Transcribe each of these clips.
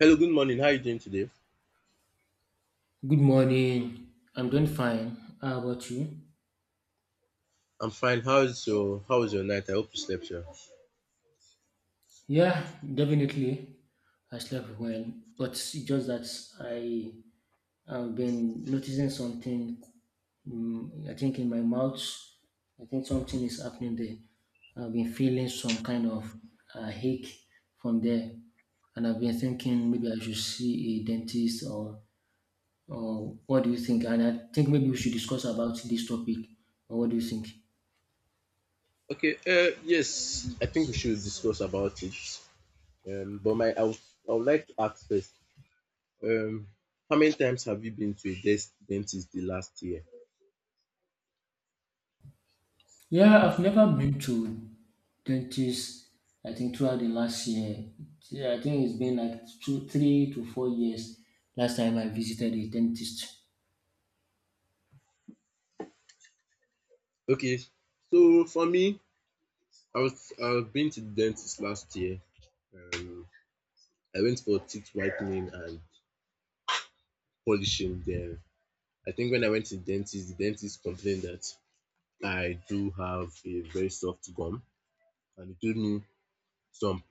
Hello, good morning. How are you doing today? Good morning. I'm doing fine. How about you? I'm fine. How was your night? I hope you slept well. Yeah, definitely. I slept well, but it's just that I have been noticing something. I think in my mouth, I think something is happening there. I've been feeling some kind of ache from there, and I've been thinking maybe I should see a dentist or what do you think? And I think maybe we should discuss about this topic. Or what do you think? Okay. Yes, I think we should discuss about it. But my I would like to ask first. Um, how many times have you been to a dentist the last year? Yeah, I've never been to 20s, I think throughout the last year, yeah, I think it's been like two, 3 to 4 years last time I visited a dentist. Okay. So for me, I've been to the dentist last year. Um, I went for teeth whitening and polishing there. I think when I went to the dentist complained that I do have a very soft gum, and he gave me some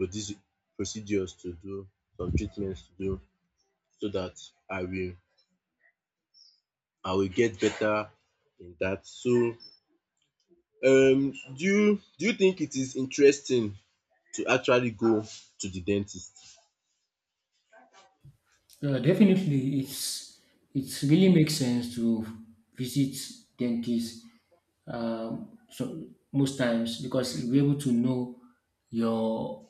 procedures to do, some treatments to do, so that I will I will get better in that. So do you think it is interesting to actually go to the dentist? Definitely, it's it really makes sense to visit dentists so most times because you'll be able to know your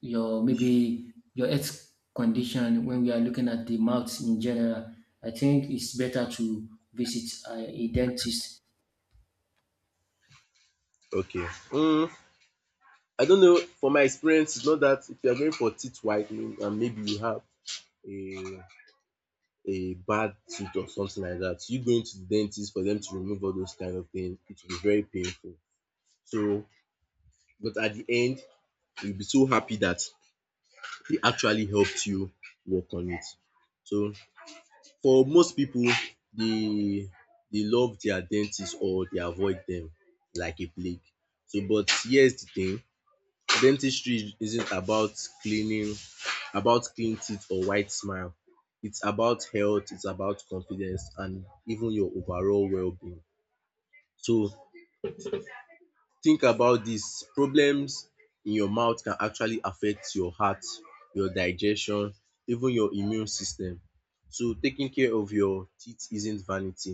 your maybe your health condition when we are looking at the mouth in general. I think it's better to visit a dentist. Okay. um I don't know, from my experience, it's not that if you are going for teeth whitening and maybe you have a a bad tooth or something like that, you going to the dentist for them to remove all those kind of things, it will be very painful. So but at the end you'll be so happy that they actually helped you work on it. So for most pipu, they they love their dentist or they avoid dem like a plague. So but here's the thing, dentistry isn't about cleaning about clean teeth or white smile. It's about health, it's about confidence and even your overall wellbeing. So think about dis, problems in your mouth can actually affect your heart, your digestion, even your immune system. So taking care of your teeth isn't vanity,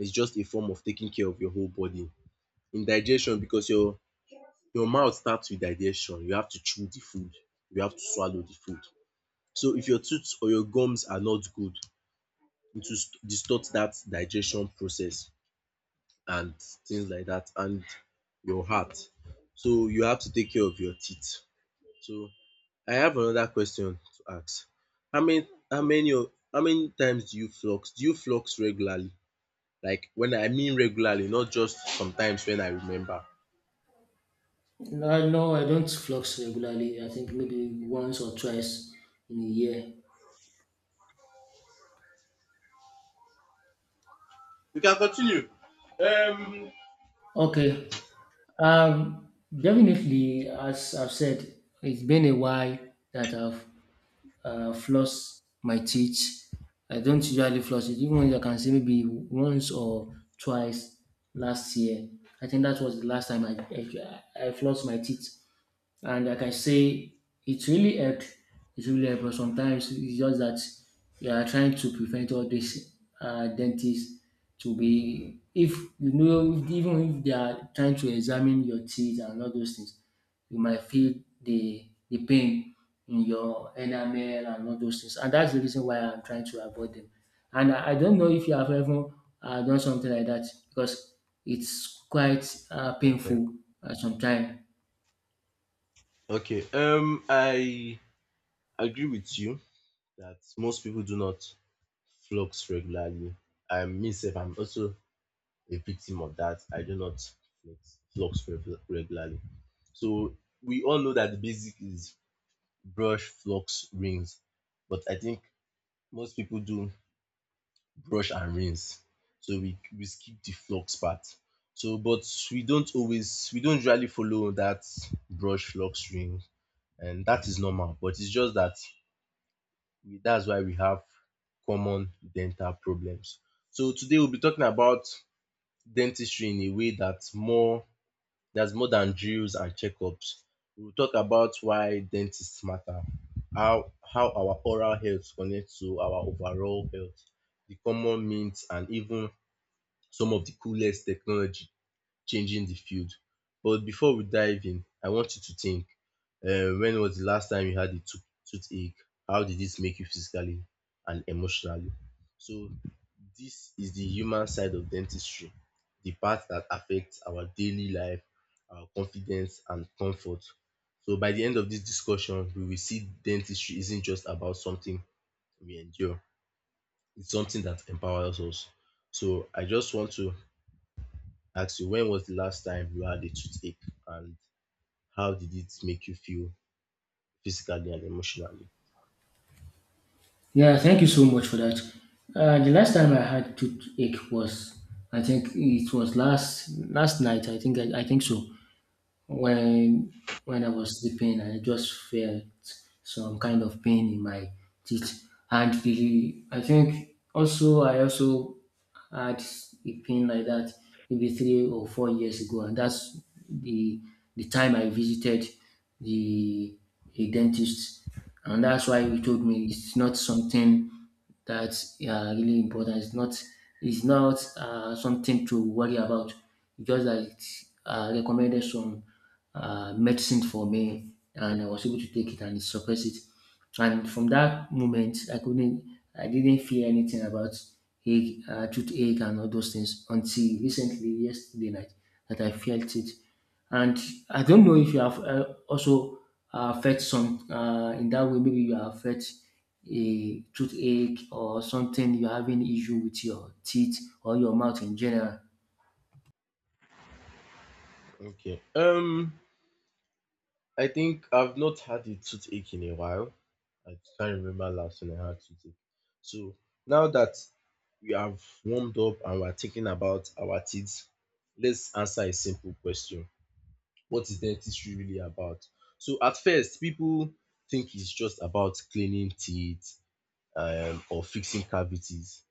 it's just a form of taking care of your whole body. In digestion, because your mouth starts with digestion, you have to chew the food, you have to swallow the food. So if your tooth or your gums are not good, it will distort dat digestion process, and things like that, and your heart. So you have to take care of your teeth. So I have another question to ask. How many times do you flux? Do you flux regularly? Like when I mean regularly, not just sometimes when I remember. No, I don't flux regularly. I think maybe once or twice in a year. You can continue. Okay. Um, Definitely, as I've said, it's been a while that I've flossed my teeth. I don't usually floss it, even though I can say maybe once or twice last year. I think that was the last time I flossed my teeth. And like I can say it really helped. It really helped, but sometimes it's just that you are trying to prevent all these dentists to be. If you know, even if they are trying to examine your teeth and all those things, you might feel the pain in your enamel and all those things, and that's the reason why I'm trying to avoid them. And I don't know if you have ever done something like that because it's quite Okay. painful sometimes. Okay. I agree with you that most people do not flux regularly. I'm also a victim of that. I do not regularly. So we all know that the basic is brush, flux, rinse. But I think most people do brush and rinse. So we skip the flux part. So but we don't usually follow that brush, flux, rinse. And that is normal. But it's just that that's why we have common dental problems. So today we'll be talking about dentistry in a way that's more there's more than drills and checkups. We'll talk about why dentists matter, how our oral health connects to our overall health, the common myths, and even some of the coolest technology changing the field. But before we dive in, I want you to think, when was the last time you had a toothache? How did this make you physically and emotionally? So this is the human side of dentistry, the part that affects our daily life, our confidence and comfort. So by the end of this discussion, we will see dentistry isn't just about something we endure, it's something that empowers us. So I just want to ask you, when was the last time you had a toothache and how did it make you feel physically and emotionally? Yeah, thank you so much for that. The last time I had toothache was, I think it was last last night. I think so. When when I was sleeping, I just felt some kind of pain in my teeth, and the I think also I also had a pain like that maybe 3 or 4 years ago, and that's the the time I visited the a dentist, and that's why he told me it's not something that's really important. It's not something to worry about. Just like recommended some medicine for me, and I was able to take it and suppress it. And from that moment, I didn't feel anything about ache, toothache and all those things until recently, yesterday night, that I felt it. And I don't know if you have also felt some in that way. Maybe you have felt a toothache or something. You're having issue with your teeth or your mouth in general. Okay. I think I've not had a toothache in a while. I can't remember last when I had toothache. So now that we have warmed up and we're thinking about our teeth, let's answer a simple question. What is dentistry really about? So at first, people think it's just about cleaning teeth or fixing cavities.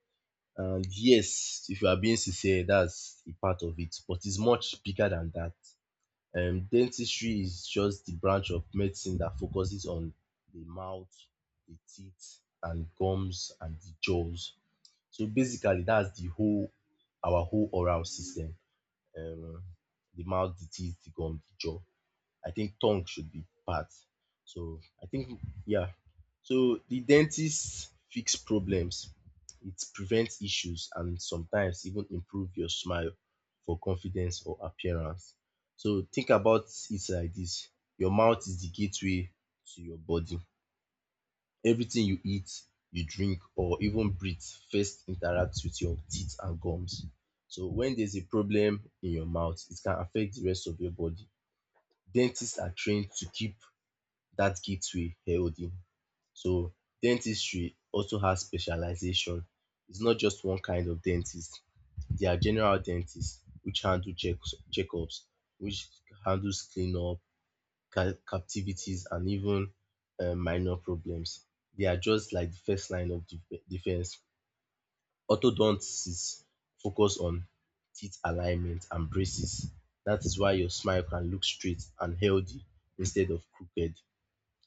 And yes, if you are being sincere, that's a part of it, but it's much bigger than that. Dentistry is just the branch of medicine that focuses on the mouth, the teeth, and gums and the jaws. So basically, that's the whole our whole oral system. Um, the mouth, the teeth, the gum, the jaw. I think tongue should be part. So I think yeah. So the dentist fix problems, it prevents issues and sometimes even improve your smile for confidence or appearance. So think about it like this: your mouth is the gateway to your body. Everything you eat, you drink or even breathe first interacts with your teeth and gums. So when there's a problem in your mouth, it can affect the rest of your body. Dentists are trained to keep that gateway healthy. So dentistry also has specialization. It's not just one kind of dentist. There are general dentists which handle checks, checkups, which handles cleanup, captivities, and even minor problems. They are just like the first line of defense. Orthodontists focus on teeth alignment and braces. That is why your smile can look straight and healthy instead of crooked.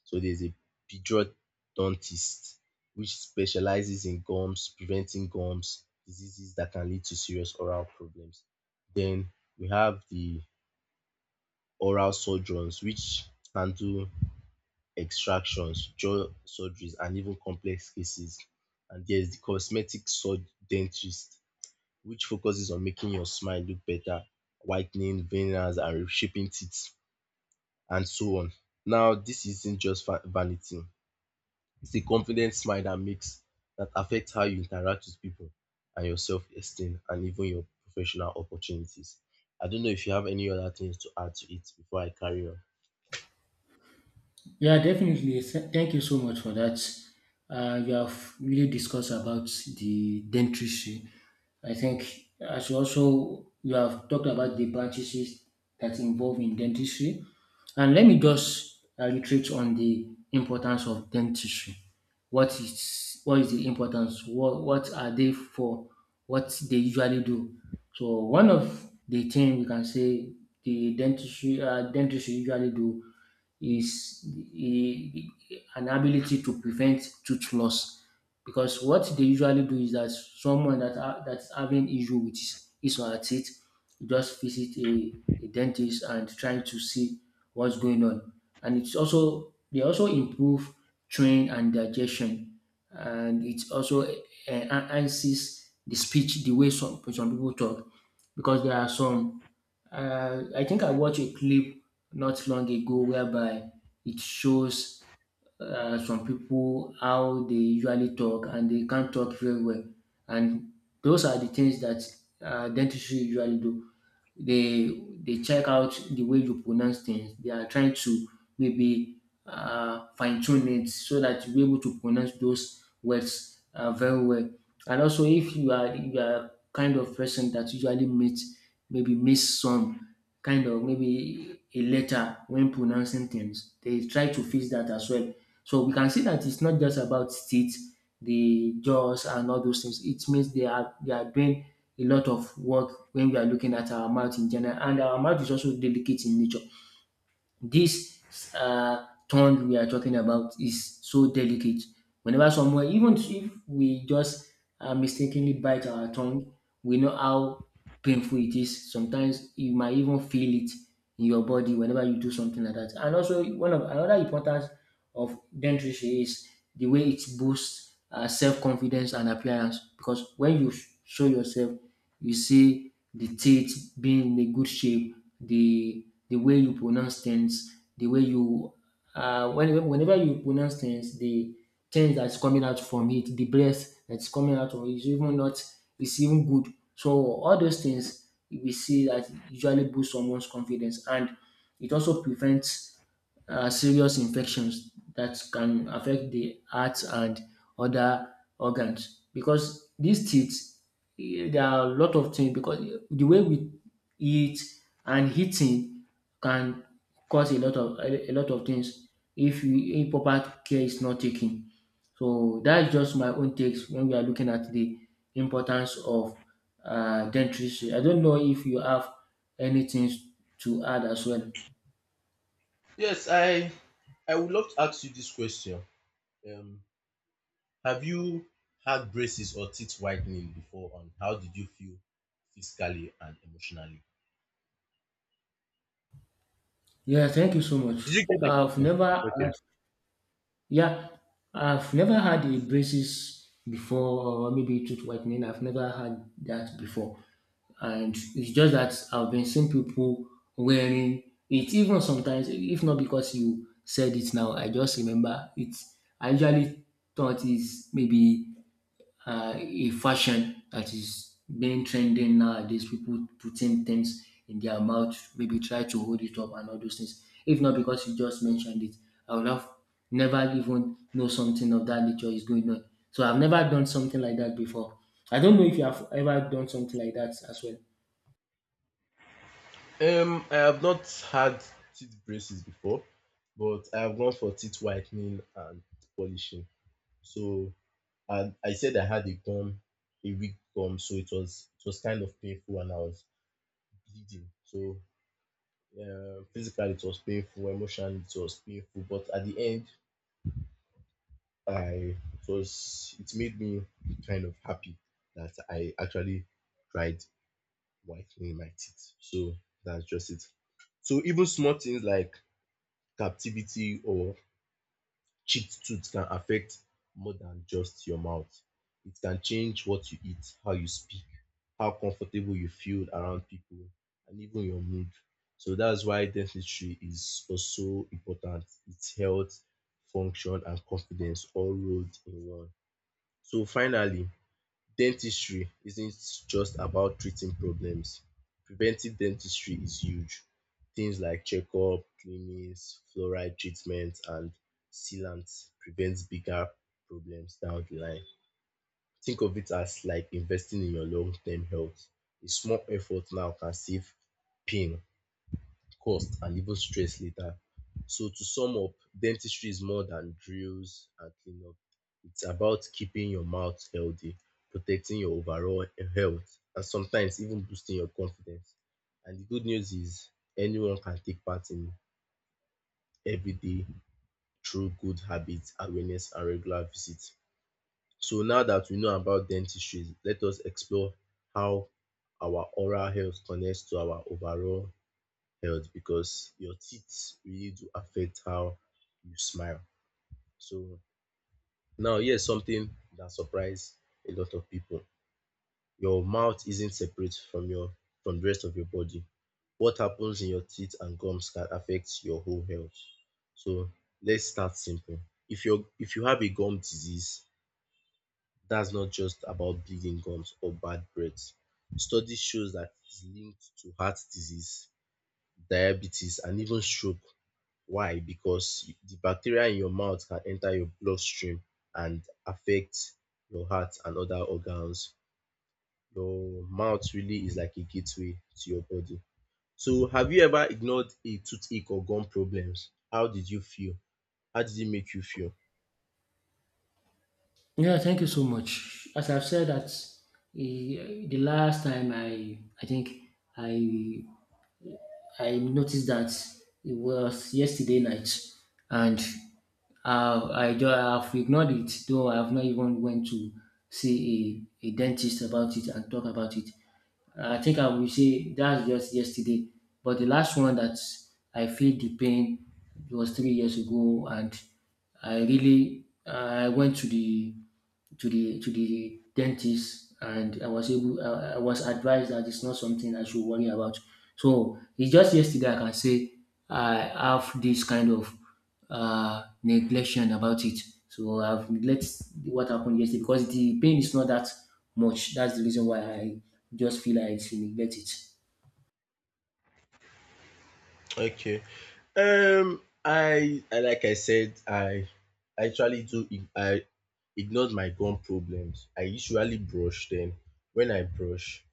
So there's a periodontist which specializes in gums, preventing gums, diseases that can lead to serious oral problems. Then we have the oral surgeons which handle extractions, jaw surgeries and even complex cases. And there's the dentist which focuses on making your smile look better, whitening veneers and reshaping teeth and so on. Now, this isn't just vanity. It's the confident smile that makes That affects how you interact with people and your self-esteem and even your professional opportunities. I don't know if you have any other things to add to it before I carry on. Yeah, definitely. Thank you so much for that. You have really discussed about the dentistry. I think as you also you have talked about the practices that involve in dentistry, and let me just reiterate on the importance of dentistry. What is the importance? What are they for? What they usually do? So one of the thing we can say the dentistry dentistry usually do is the- an ability to prevent tooth loss because what they usually do is that someone that that's having issue with his or her teeth just visit a dentist and trying to see what's going on, and it's also they also improve train and digestion, and it also enhances the speech the way some people talk because there are some I think I watched a clip not long ago whereby it shows some people how they usually talk and they can't talk very well. And those are the things that dentistry usually do. They check out the way you pronounce things. They are trying to maybe fine tune it so that you are able to pronounce those words very well. And also, if you are kind of person that usually miss maybe miss some kind of maybe a letter when pronouncing things, they try to fix that as well. So we can see that it's not just about teeth, the jaws, and all those things. It means they are doing a lot of work when we are looking at our mouth in general, and our mouth is also delicate in nature. This tongue we are talking about is so delicate. Whenever someone, even if we just mistakenly bite our tongue, we know how painful it is. Sometimes you might even feel it in your body whenever you do something like that. And also, one of another importance of dentistry is the way it boosts self confidence and appearance, because when you show yourself you see the teeth being in a good shape, the way you pronounce things, the way you whenever you pronounce things, the things that's coming out from it, the breath that's coming out from it is even not is even good. So all those things we see that usually boost someone's confidence, and it also prevents serious infections that can affect the heart and other organs, because these teeth there are a lot of things, because the way we eat and eating can cause a lot of a lot of things if you if proper care is not taken. So that's just my own takes when we are looking at the importance of dentistry. I don't know if you have anything to add as well. Yes, I would love to ask you this question. Um, have you had braces or teeth whitening before, and how did you feel physically and emotionally? Yeah, thank you so much. Did you get my I've question? never Okay. had, yeah, I've never had a braces before, or maybe tooth whitening. I've never had that before, and it's just that I've been seeing people wearing it. Even sometimes, if not because you said it now, I just remember it. I usually thought it's maybe a fashion that is being trending nowadays. People putting things in their mouth, maybe try to hold it up and all those things. If not because you just mentioned it, I would have never even know something of that nature is going on. So I've never done something like that before. I don't know if you have ever done something like that as well. I have not had teeth braces before, but I have gone for teeth whitening and polishing. So I said I had a gum, a weak gum, so it was kind of painful and I was bleeding. So physically it was painful, emotionally it was painful, but at the end I it made me kind of happy that I actually tried whitening my teeth. So that's just it. So even small things like captivity or chipped tooth can affect more than just your mouth. It can change what you eat, how you speak, how comfortable you feel around people, and even your mood. So that's why dentistry is also important. It's health, function, and confidence all rolled in one. So finally, dentistry isn't just about treating problems. Preventive dentistry is huge. Things like checkup, cleanings, fluoride treatment and sealants prevent bigger problems down the line. Think of it as like investing in your long-term health. A small effort now can save pain, cost and even stress later. So to sum up, dentistry is more than drills and cleanup. It's about keeping your mouth healthy, protecting your overall health, and sometimes even boosting your confidence. And the good news is anyone can take part in every day through good habits, awareness, and regular visits. So now that we know about dentistry, let us explore how our oral health connects to our overall health because your teeth really do affect how you smile. So now here's something that surprised a lot of people. Your mouth isn't separate from your from the rest of your body. What happens in your teeth and gums can affect your whole health. So let's start simple. If you have a gum disease, that's not just about bleeding gums or bad breath. Studies shows that it's linked to heart disease, diabetes, and even stroke. Why? Because the bacteria in your mouth can enter your bloodstream and affect your heart and other organs. Your mouth really is like a gateway to your body. So have you ever ignored a toothache or gum problems? How did you feel? How did it make you feel? Yeah, thank you so much. As I've said that the last time I think I I noticed that it was yesterday night, and I just have ignored it. Though I have not even went to see a dentist about it and talk about it. I think I will say that's just yesterday. But the last one that I feel the pain was 3 years ago, and I went to the to the dentist, and I was able I was advised that it's not something I should worry about. So it's just yesterday I can say I have this kind of neglection about it. So I've neglect what happened yesterday because the pain is not that much. That's the reason why I just feel like I should neglect it. Okay. I like I said, I actually do. Ig- I ignored my gum problems. I usually brush them. When I brush,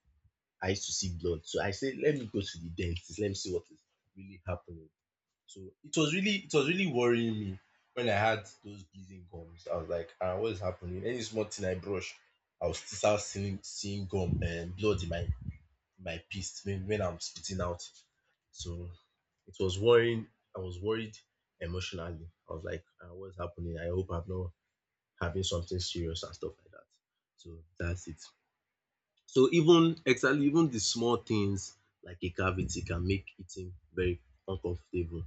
I used to see blood. So I said, let me go to the dentist. Let me see what is really happening. So it was really worrying me when I had those bleeding gums. I was like, ah, what is happening? Any small thing I brush, I was still start seeing gum and blood in my piece when I'm spitting out. So it was worrying. I was worried emotionally. I was like, ah, what's happening? I hope I'm not having something serious and stuff like that. So that's it. Even the small things like a cavity can make eating very uncomfortable.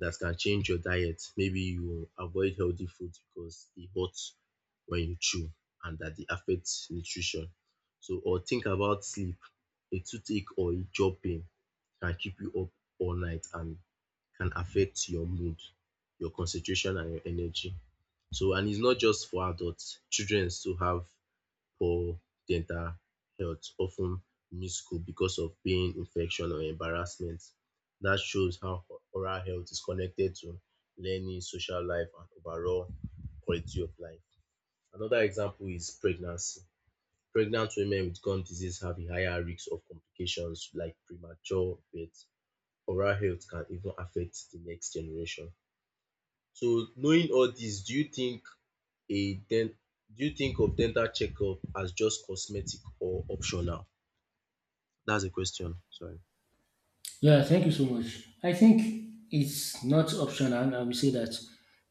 That can change your diet. Maybe you avoid healthy food because it hurts when you chew and that it affects nutrition. So or think about sleep. A toothache or a jaw pain can keep you up all night and can affect your mood, your concentration and your energy. And it's not just for adults. Children still have poor dental health often ten miss school because of pain, infection or embarrassment. That shows how oral health is connected to learning, social life and overall quality of life. Another example is pregnancy. Pregnant women with gum disease have a higher risk of complications like premature birth. Oral health can even affect the next generation. So knowing all this, a den- do you think of dental checkup as just cosmetic or optional? That's the question. Sorry. Yeah, thank you so much. I think it's not optional. I will say that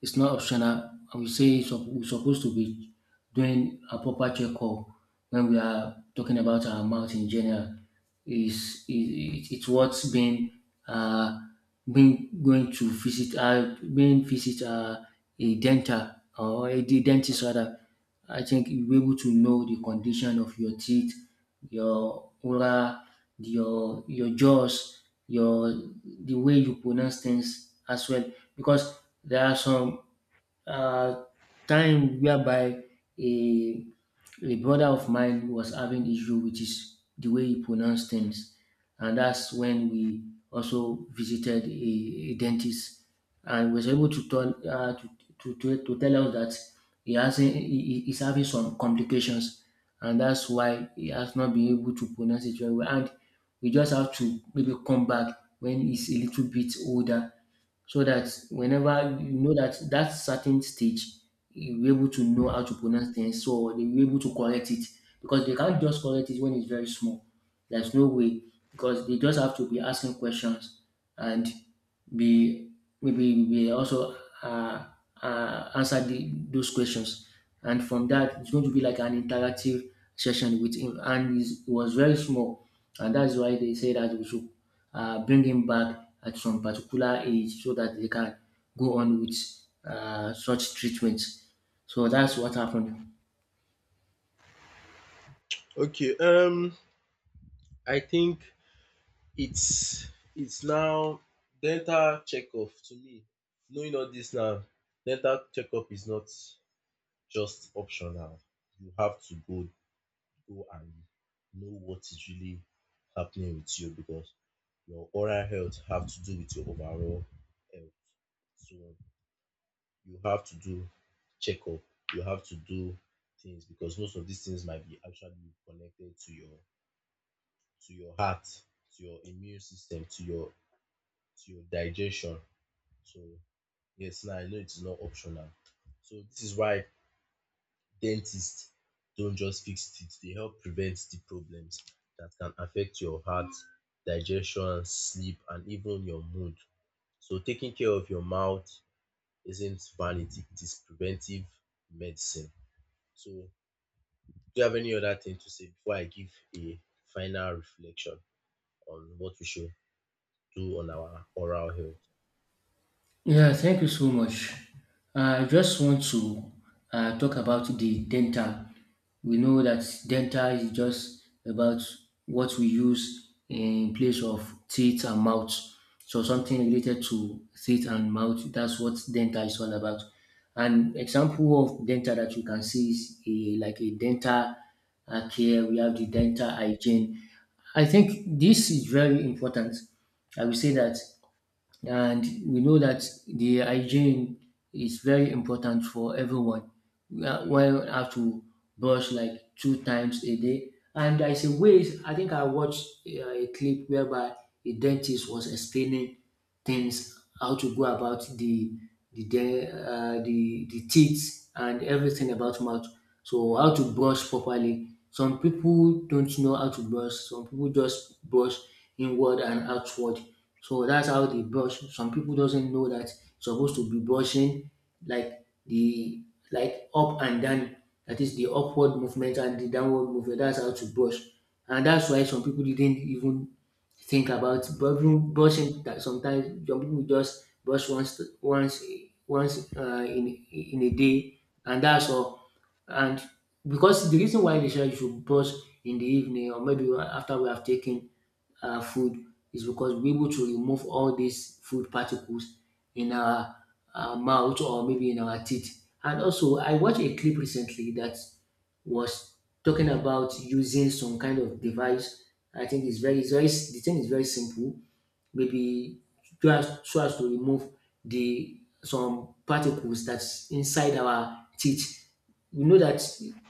it's not optional. I will say we're supposed to be doing a proper checkup when we are talking about our mouth in general. It's what's uh been going to visit been visit a dental or a dentist rather. I think you'll be able to know the condition of your teeth your oral, your jaws, your the way you pronounce things as well. Because there are some uh, time whereby a a brother of mine was having issue with his the way he pronounced things, and that's when we also visited a dentist, and was able to tell to tell us that he has he- he's having some complications, and that's why he has not been able to pronounce it very well. And we just have to maybe come back when he's a little bit older, so that whenever you know that that certain stage, you're able to know how to pronounce things, so they were able to correct it because they can't just correct it when it's very small. There's no way because they just have to be asking questions, and be be we also answer those questions. And from that, it's going to be like an interactive session with him. And he was very small, and that's why they say that we should bring him back at some particular age so that they can go on with such treatment. So that's what happened. Okay. I think it's it's now dental checkup to me. Knowing all this now, dental checkup is not just optional. You have to go and know what is really happening with you because your oral health have to do with your overall health. So you have to do checkup. You have to do things because most of these things might be actually connected to your heart, to your immune system, to your digestion. So yes, now I know it's not optional. So this is why dentists don't just fix teeth; they help prevent the problems that can affect your heart, digestion, sleep, and even your mood. So taking care of your mouth isn't vanity; it is preventive medicine. So, do you have any other thing to say before I give a final reflection on what we should do on our oral health? Yeah, thank you so much. I just want to talk about the dental. We know that dental is just about what we use in place of teeth and mouth. So something related to teeth and mouth, that's what dental is all about. An example of dental that you can see is like a dental care. We have the dental hygiene. I think this is very important. I will say that, and we know that the hygiene is very important for everyone. One have to brush like 2 times a day, and there is a way. I think I watched a clip whereby a dentist was explaining things, how to go about the de- the teeth and everything about mouth. So how to brush properly. Some people don't know how to brush. Some people just brush inward and outward. So that's how they brush. Some people doesn't know that supposed to be brushing like the like up and down. That is the upward movement and the downward movement. That's how to brush. And that's why some people didn't even think about brushing, that sometimes some people just brush once once in a day, and that's all. And because the reason why they say you should brush in the evening, or maybe after we have taken food, is because we're able to remove all these food particles in our mouth, or maybe in our teeth. And also, I watched a clip recently that was talking about using some kind of device. I think the thing is very simple maybe, so as to remove the some particles that's inside our teeth. We know that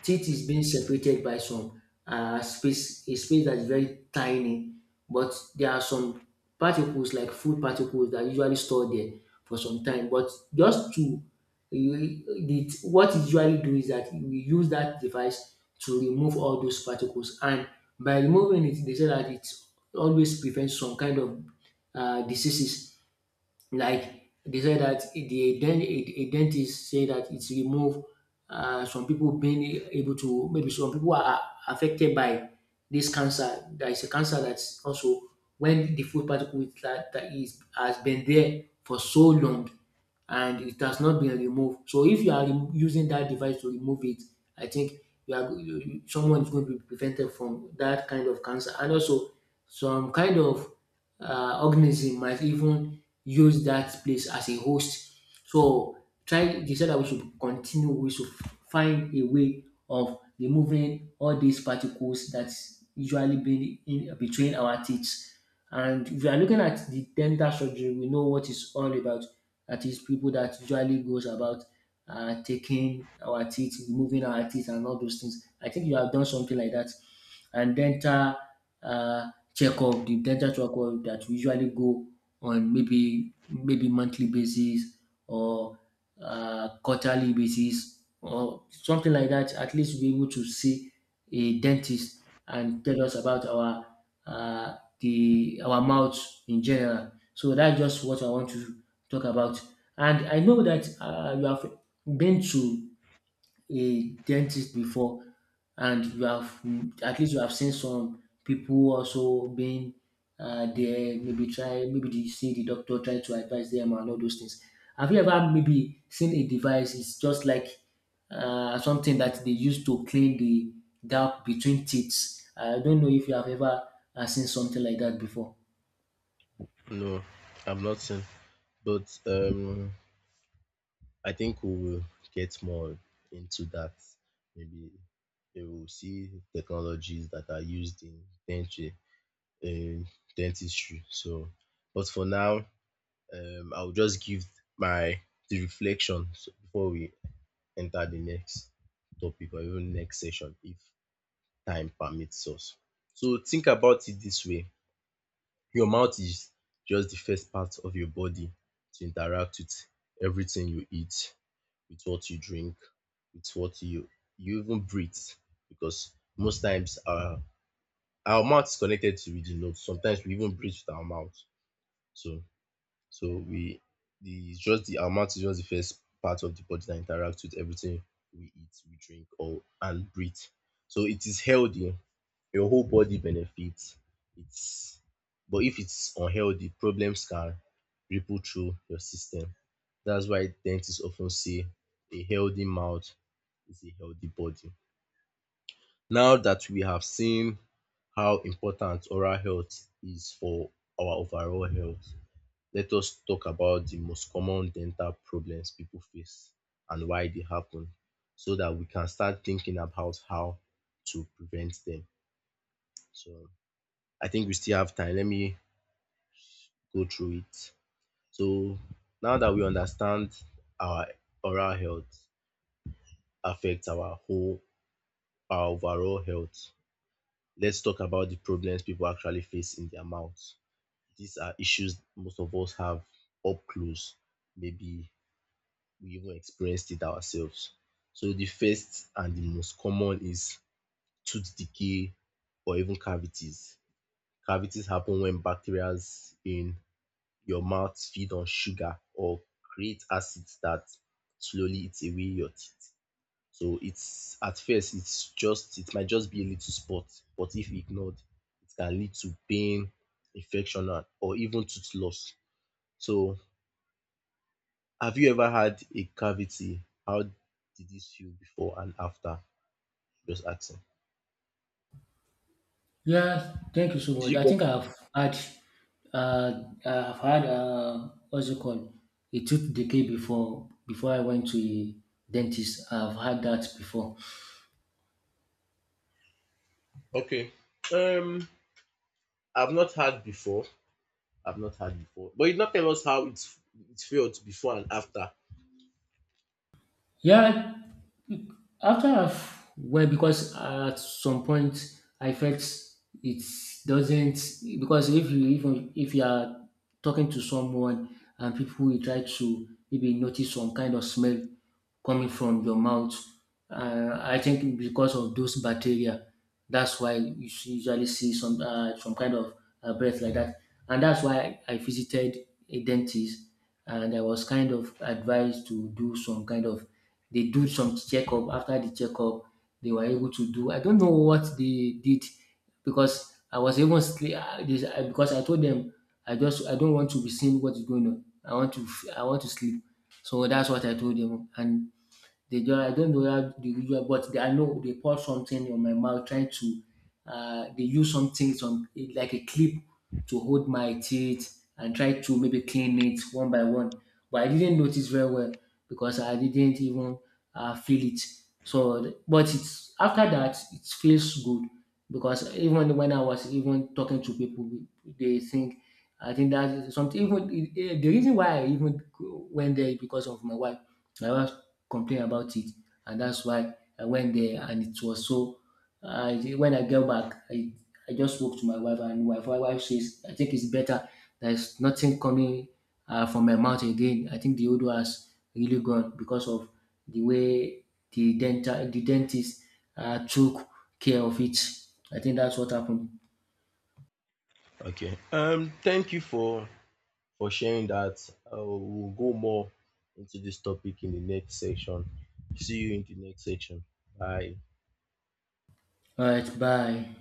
teeth is being separated by some space, a space that's very tiny, but there are some particles, like food particles, that usually store there for some time. But just to what it usually do is that we use that device to remove all those particles, and by removing it, they say that it always prevents some kind of diseases. Like they said that the dent- a dentist say that it's remove some people being able to, maybe some people are affected by this cancer. There is a cancer that's also when the food particle is that, that is has been there for so long and it has not been removed. So if you are using that device to remove it, I think you are you- you- someone is going to be prevented from that kind of cancer. And also, some kind of organism might even use that place as a host. So try they said that we should find a way of removing all these particles that usually been in between our teeth. And if you are looking at the dental surgery, we know what it's all about. That is people that usually goes about taking our teeth, removing our teeth and all those things. I think you have done something like that. And dental uh, checkup, the dental checkup that we usually go on, maybe monthly basis, or quarterly basis, or something like that. At least we able to see a dentist and tell us about our the our mouth in general. So that's just what I want to talk about. And I know that you have been to a dentist before, and you have, at least you have seen some people also being there, maybe try maybe they see the doctor trying to advise them and all those things. Have you ever maybe seen a device, it's just like something that they use to clean the gap between teeth? I don't know if you have ever seen something like that before. No, I'm not saying, but I think we will get more into that. Maybe we will see technologies that are used in in dentistry. But for now, I will just give my the reflection, before we enter the next topic or even next session if time permits us. So think about it this way, your mouth is just the first part of your body to interact with everything you eat, with what you drink, with what you even breathe because most times our mouth is connected to the nose. Sometimes we even breathe with our mouth. So so we the it's just the our mouth is just the first part of the body that interacts with everything we eat, we drink or and breathe. So it is healthy your whole body benefits. It's but if it's unhealthy, problems can ripple through your system. That's why dentists often say a healthy mouth is a healthy body. Now that we have seen how important oral health is for our overall health, let us talk about the most common dental problems people face and why they happen so that we can start thinking about how to prevent them. So I think we still have time. Let me go through it. So now that we understand our oral health affects our overall health, let's talk about the problems people actually face in their mouth. These are issues most of us have up close. Maybe we even experienced it ourselves. So the first and the most common is tooth decay or even cavities. Cavities happen when bacteria in your mouth feed on sugar or create acids that slowly eats away your teeth. So it's at first, it might just be a little spot, but if ignored, it can lead to pain, infection and or even tooth loss. So have you ever had a cavity? How did this feel before and after? Just asking. Yeah, thank you so Did much. you get uh, I've had, what's it called, a tooth decay before. Before I went to a dentist, I've had that before. okay? Um, I've not had before. I've not had before, but you did not tell us how it felt before and after. Yeah. Well, because at some point I felt it doesn't, because if you, even if you are talking to someone, and people will try to maybe notice some kind of smell coming from your mouth, I think because of those bacteria, that's why you usually see some kind of breath like that, and that's why I visited a dentist, and I was kind of advised to do some kind of, they do some checkup. After the checkup, they were able to do, I don't know what they did, because I was even because I told them I just, I don't want to be seeing what is going on. I want to I want to sleep. So that's what I told them, and they don't, I don't know how the usual, but they, I know they pour something on my mouth, trying to, they use something, some like a clip to hold my teeth and try to maybe clean it one by one. But I didn't notice very well, because I didn't even feel it. So, but it's after that, it feels good, because even when I was even talking to people, they think, I think that's something. Even the reason why I even went there is because of my wife. My wife complain about it. And that's why I went there, and it was so, I when I get back, I just spoke to my wife, and my wife says I think it's better. There's nothing coming from my mouth again. I think the odor has really gone because of the way the dentist took care of it. I think that's what happened. Okay. Thank you for sharing that. We'll go more into this topic in the next section. See you in the next section. Bye. All right, bye.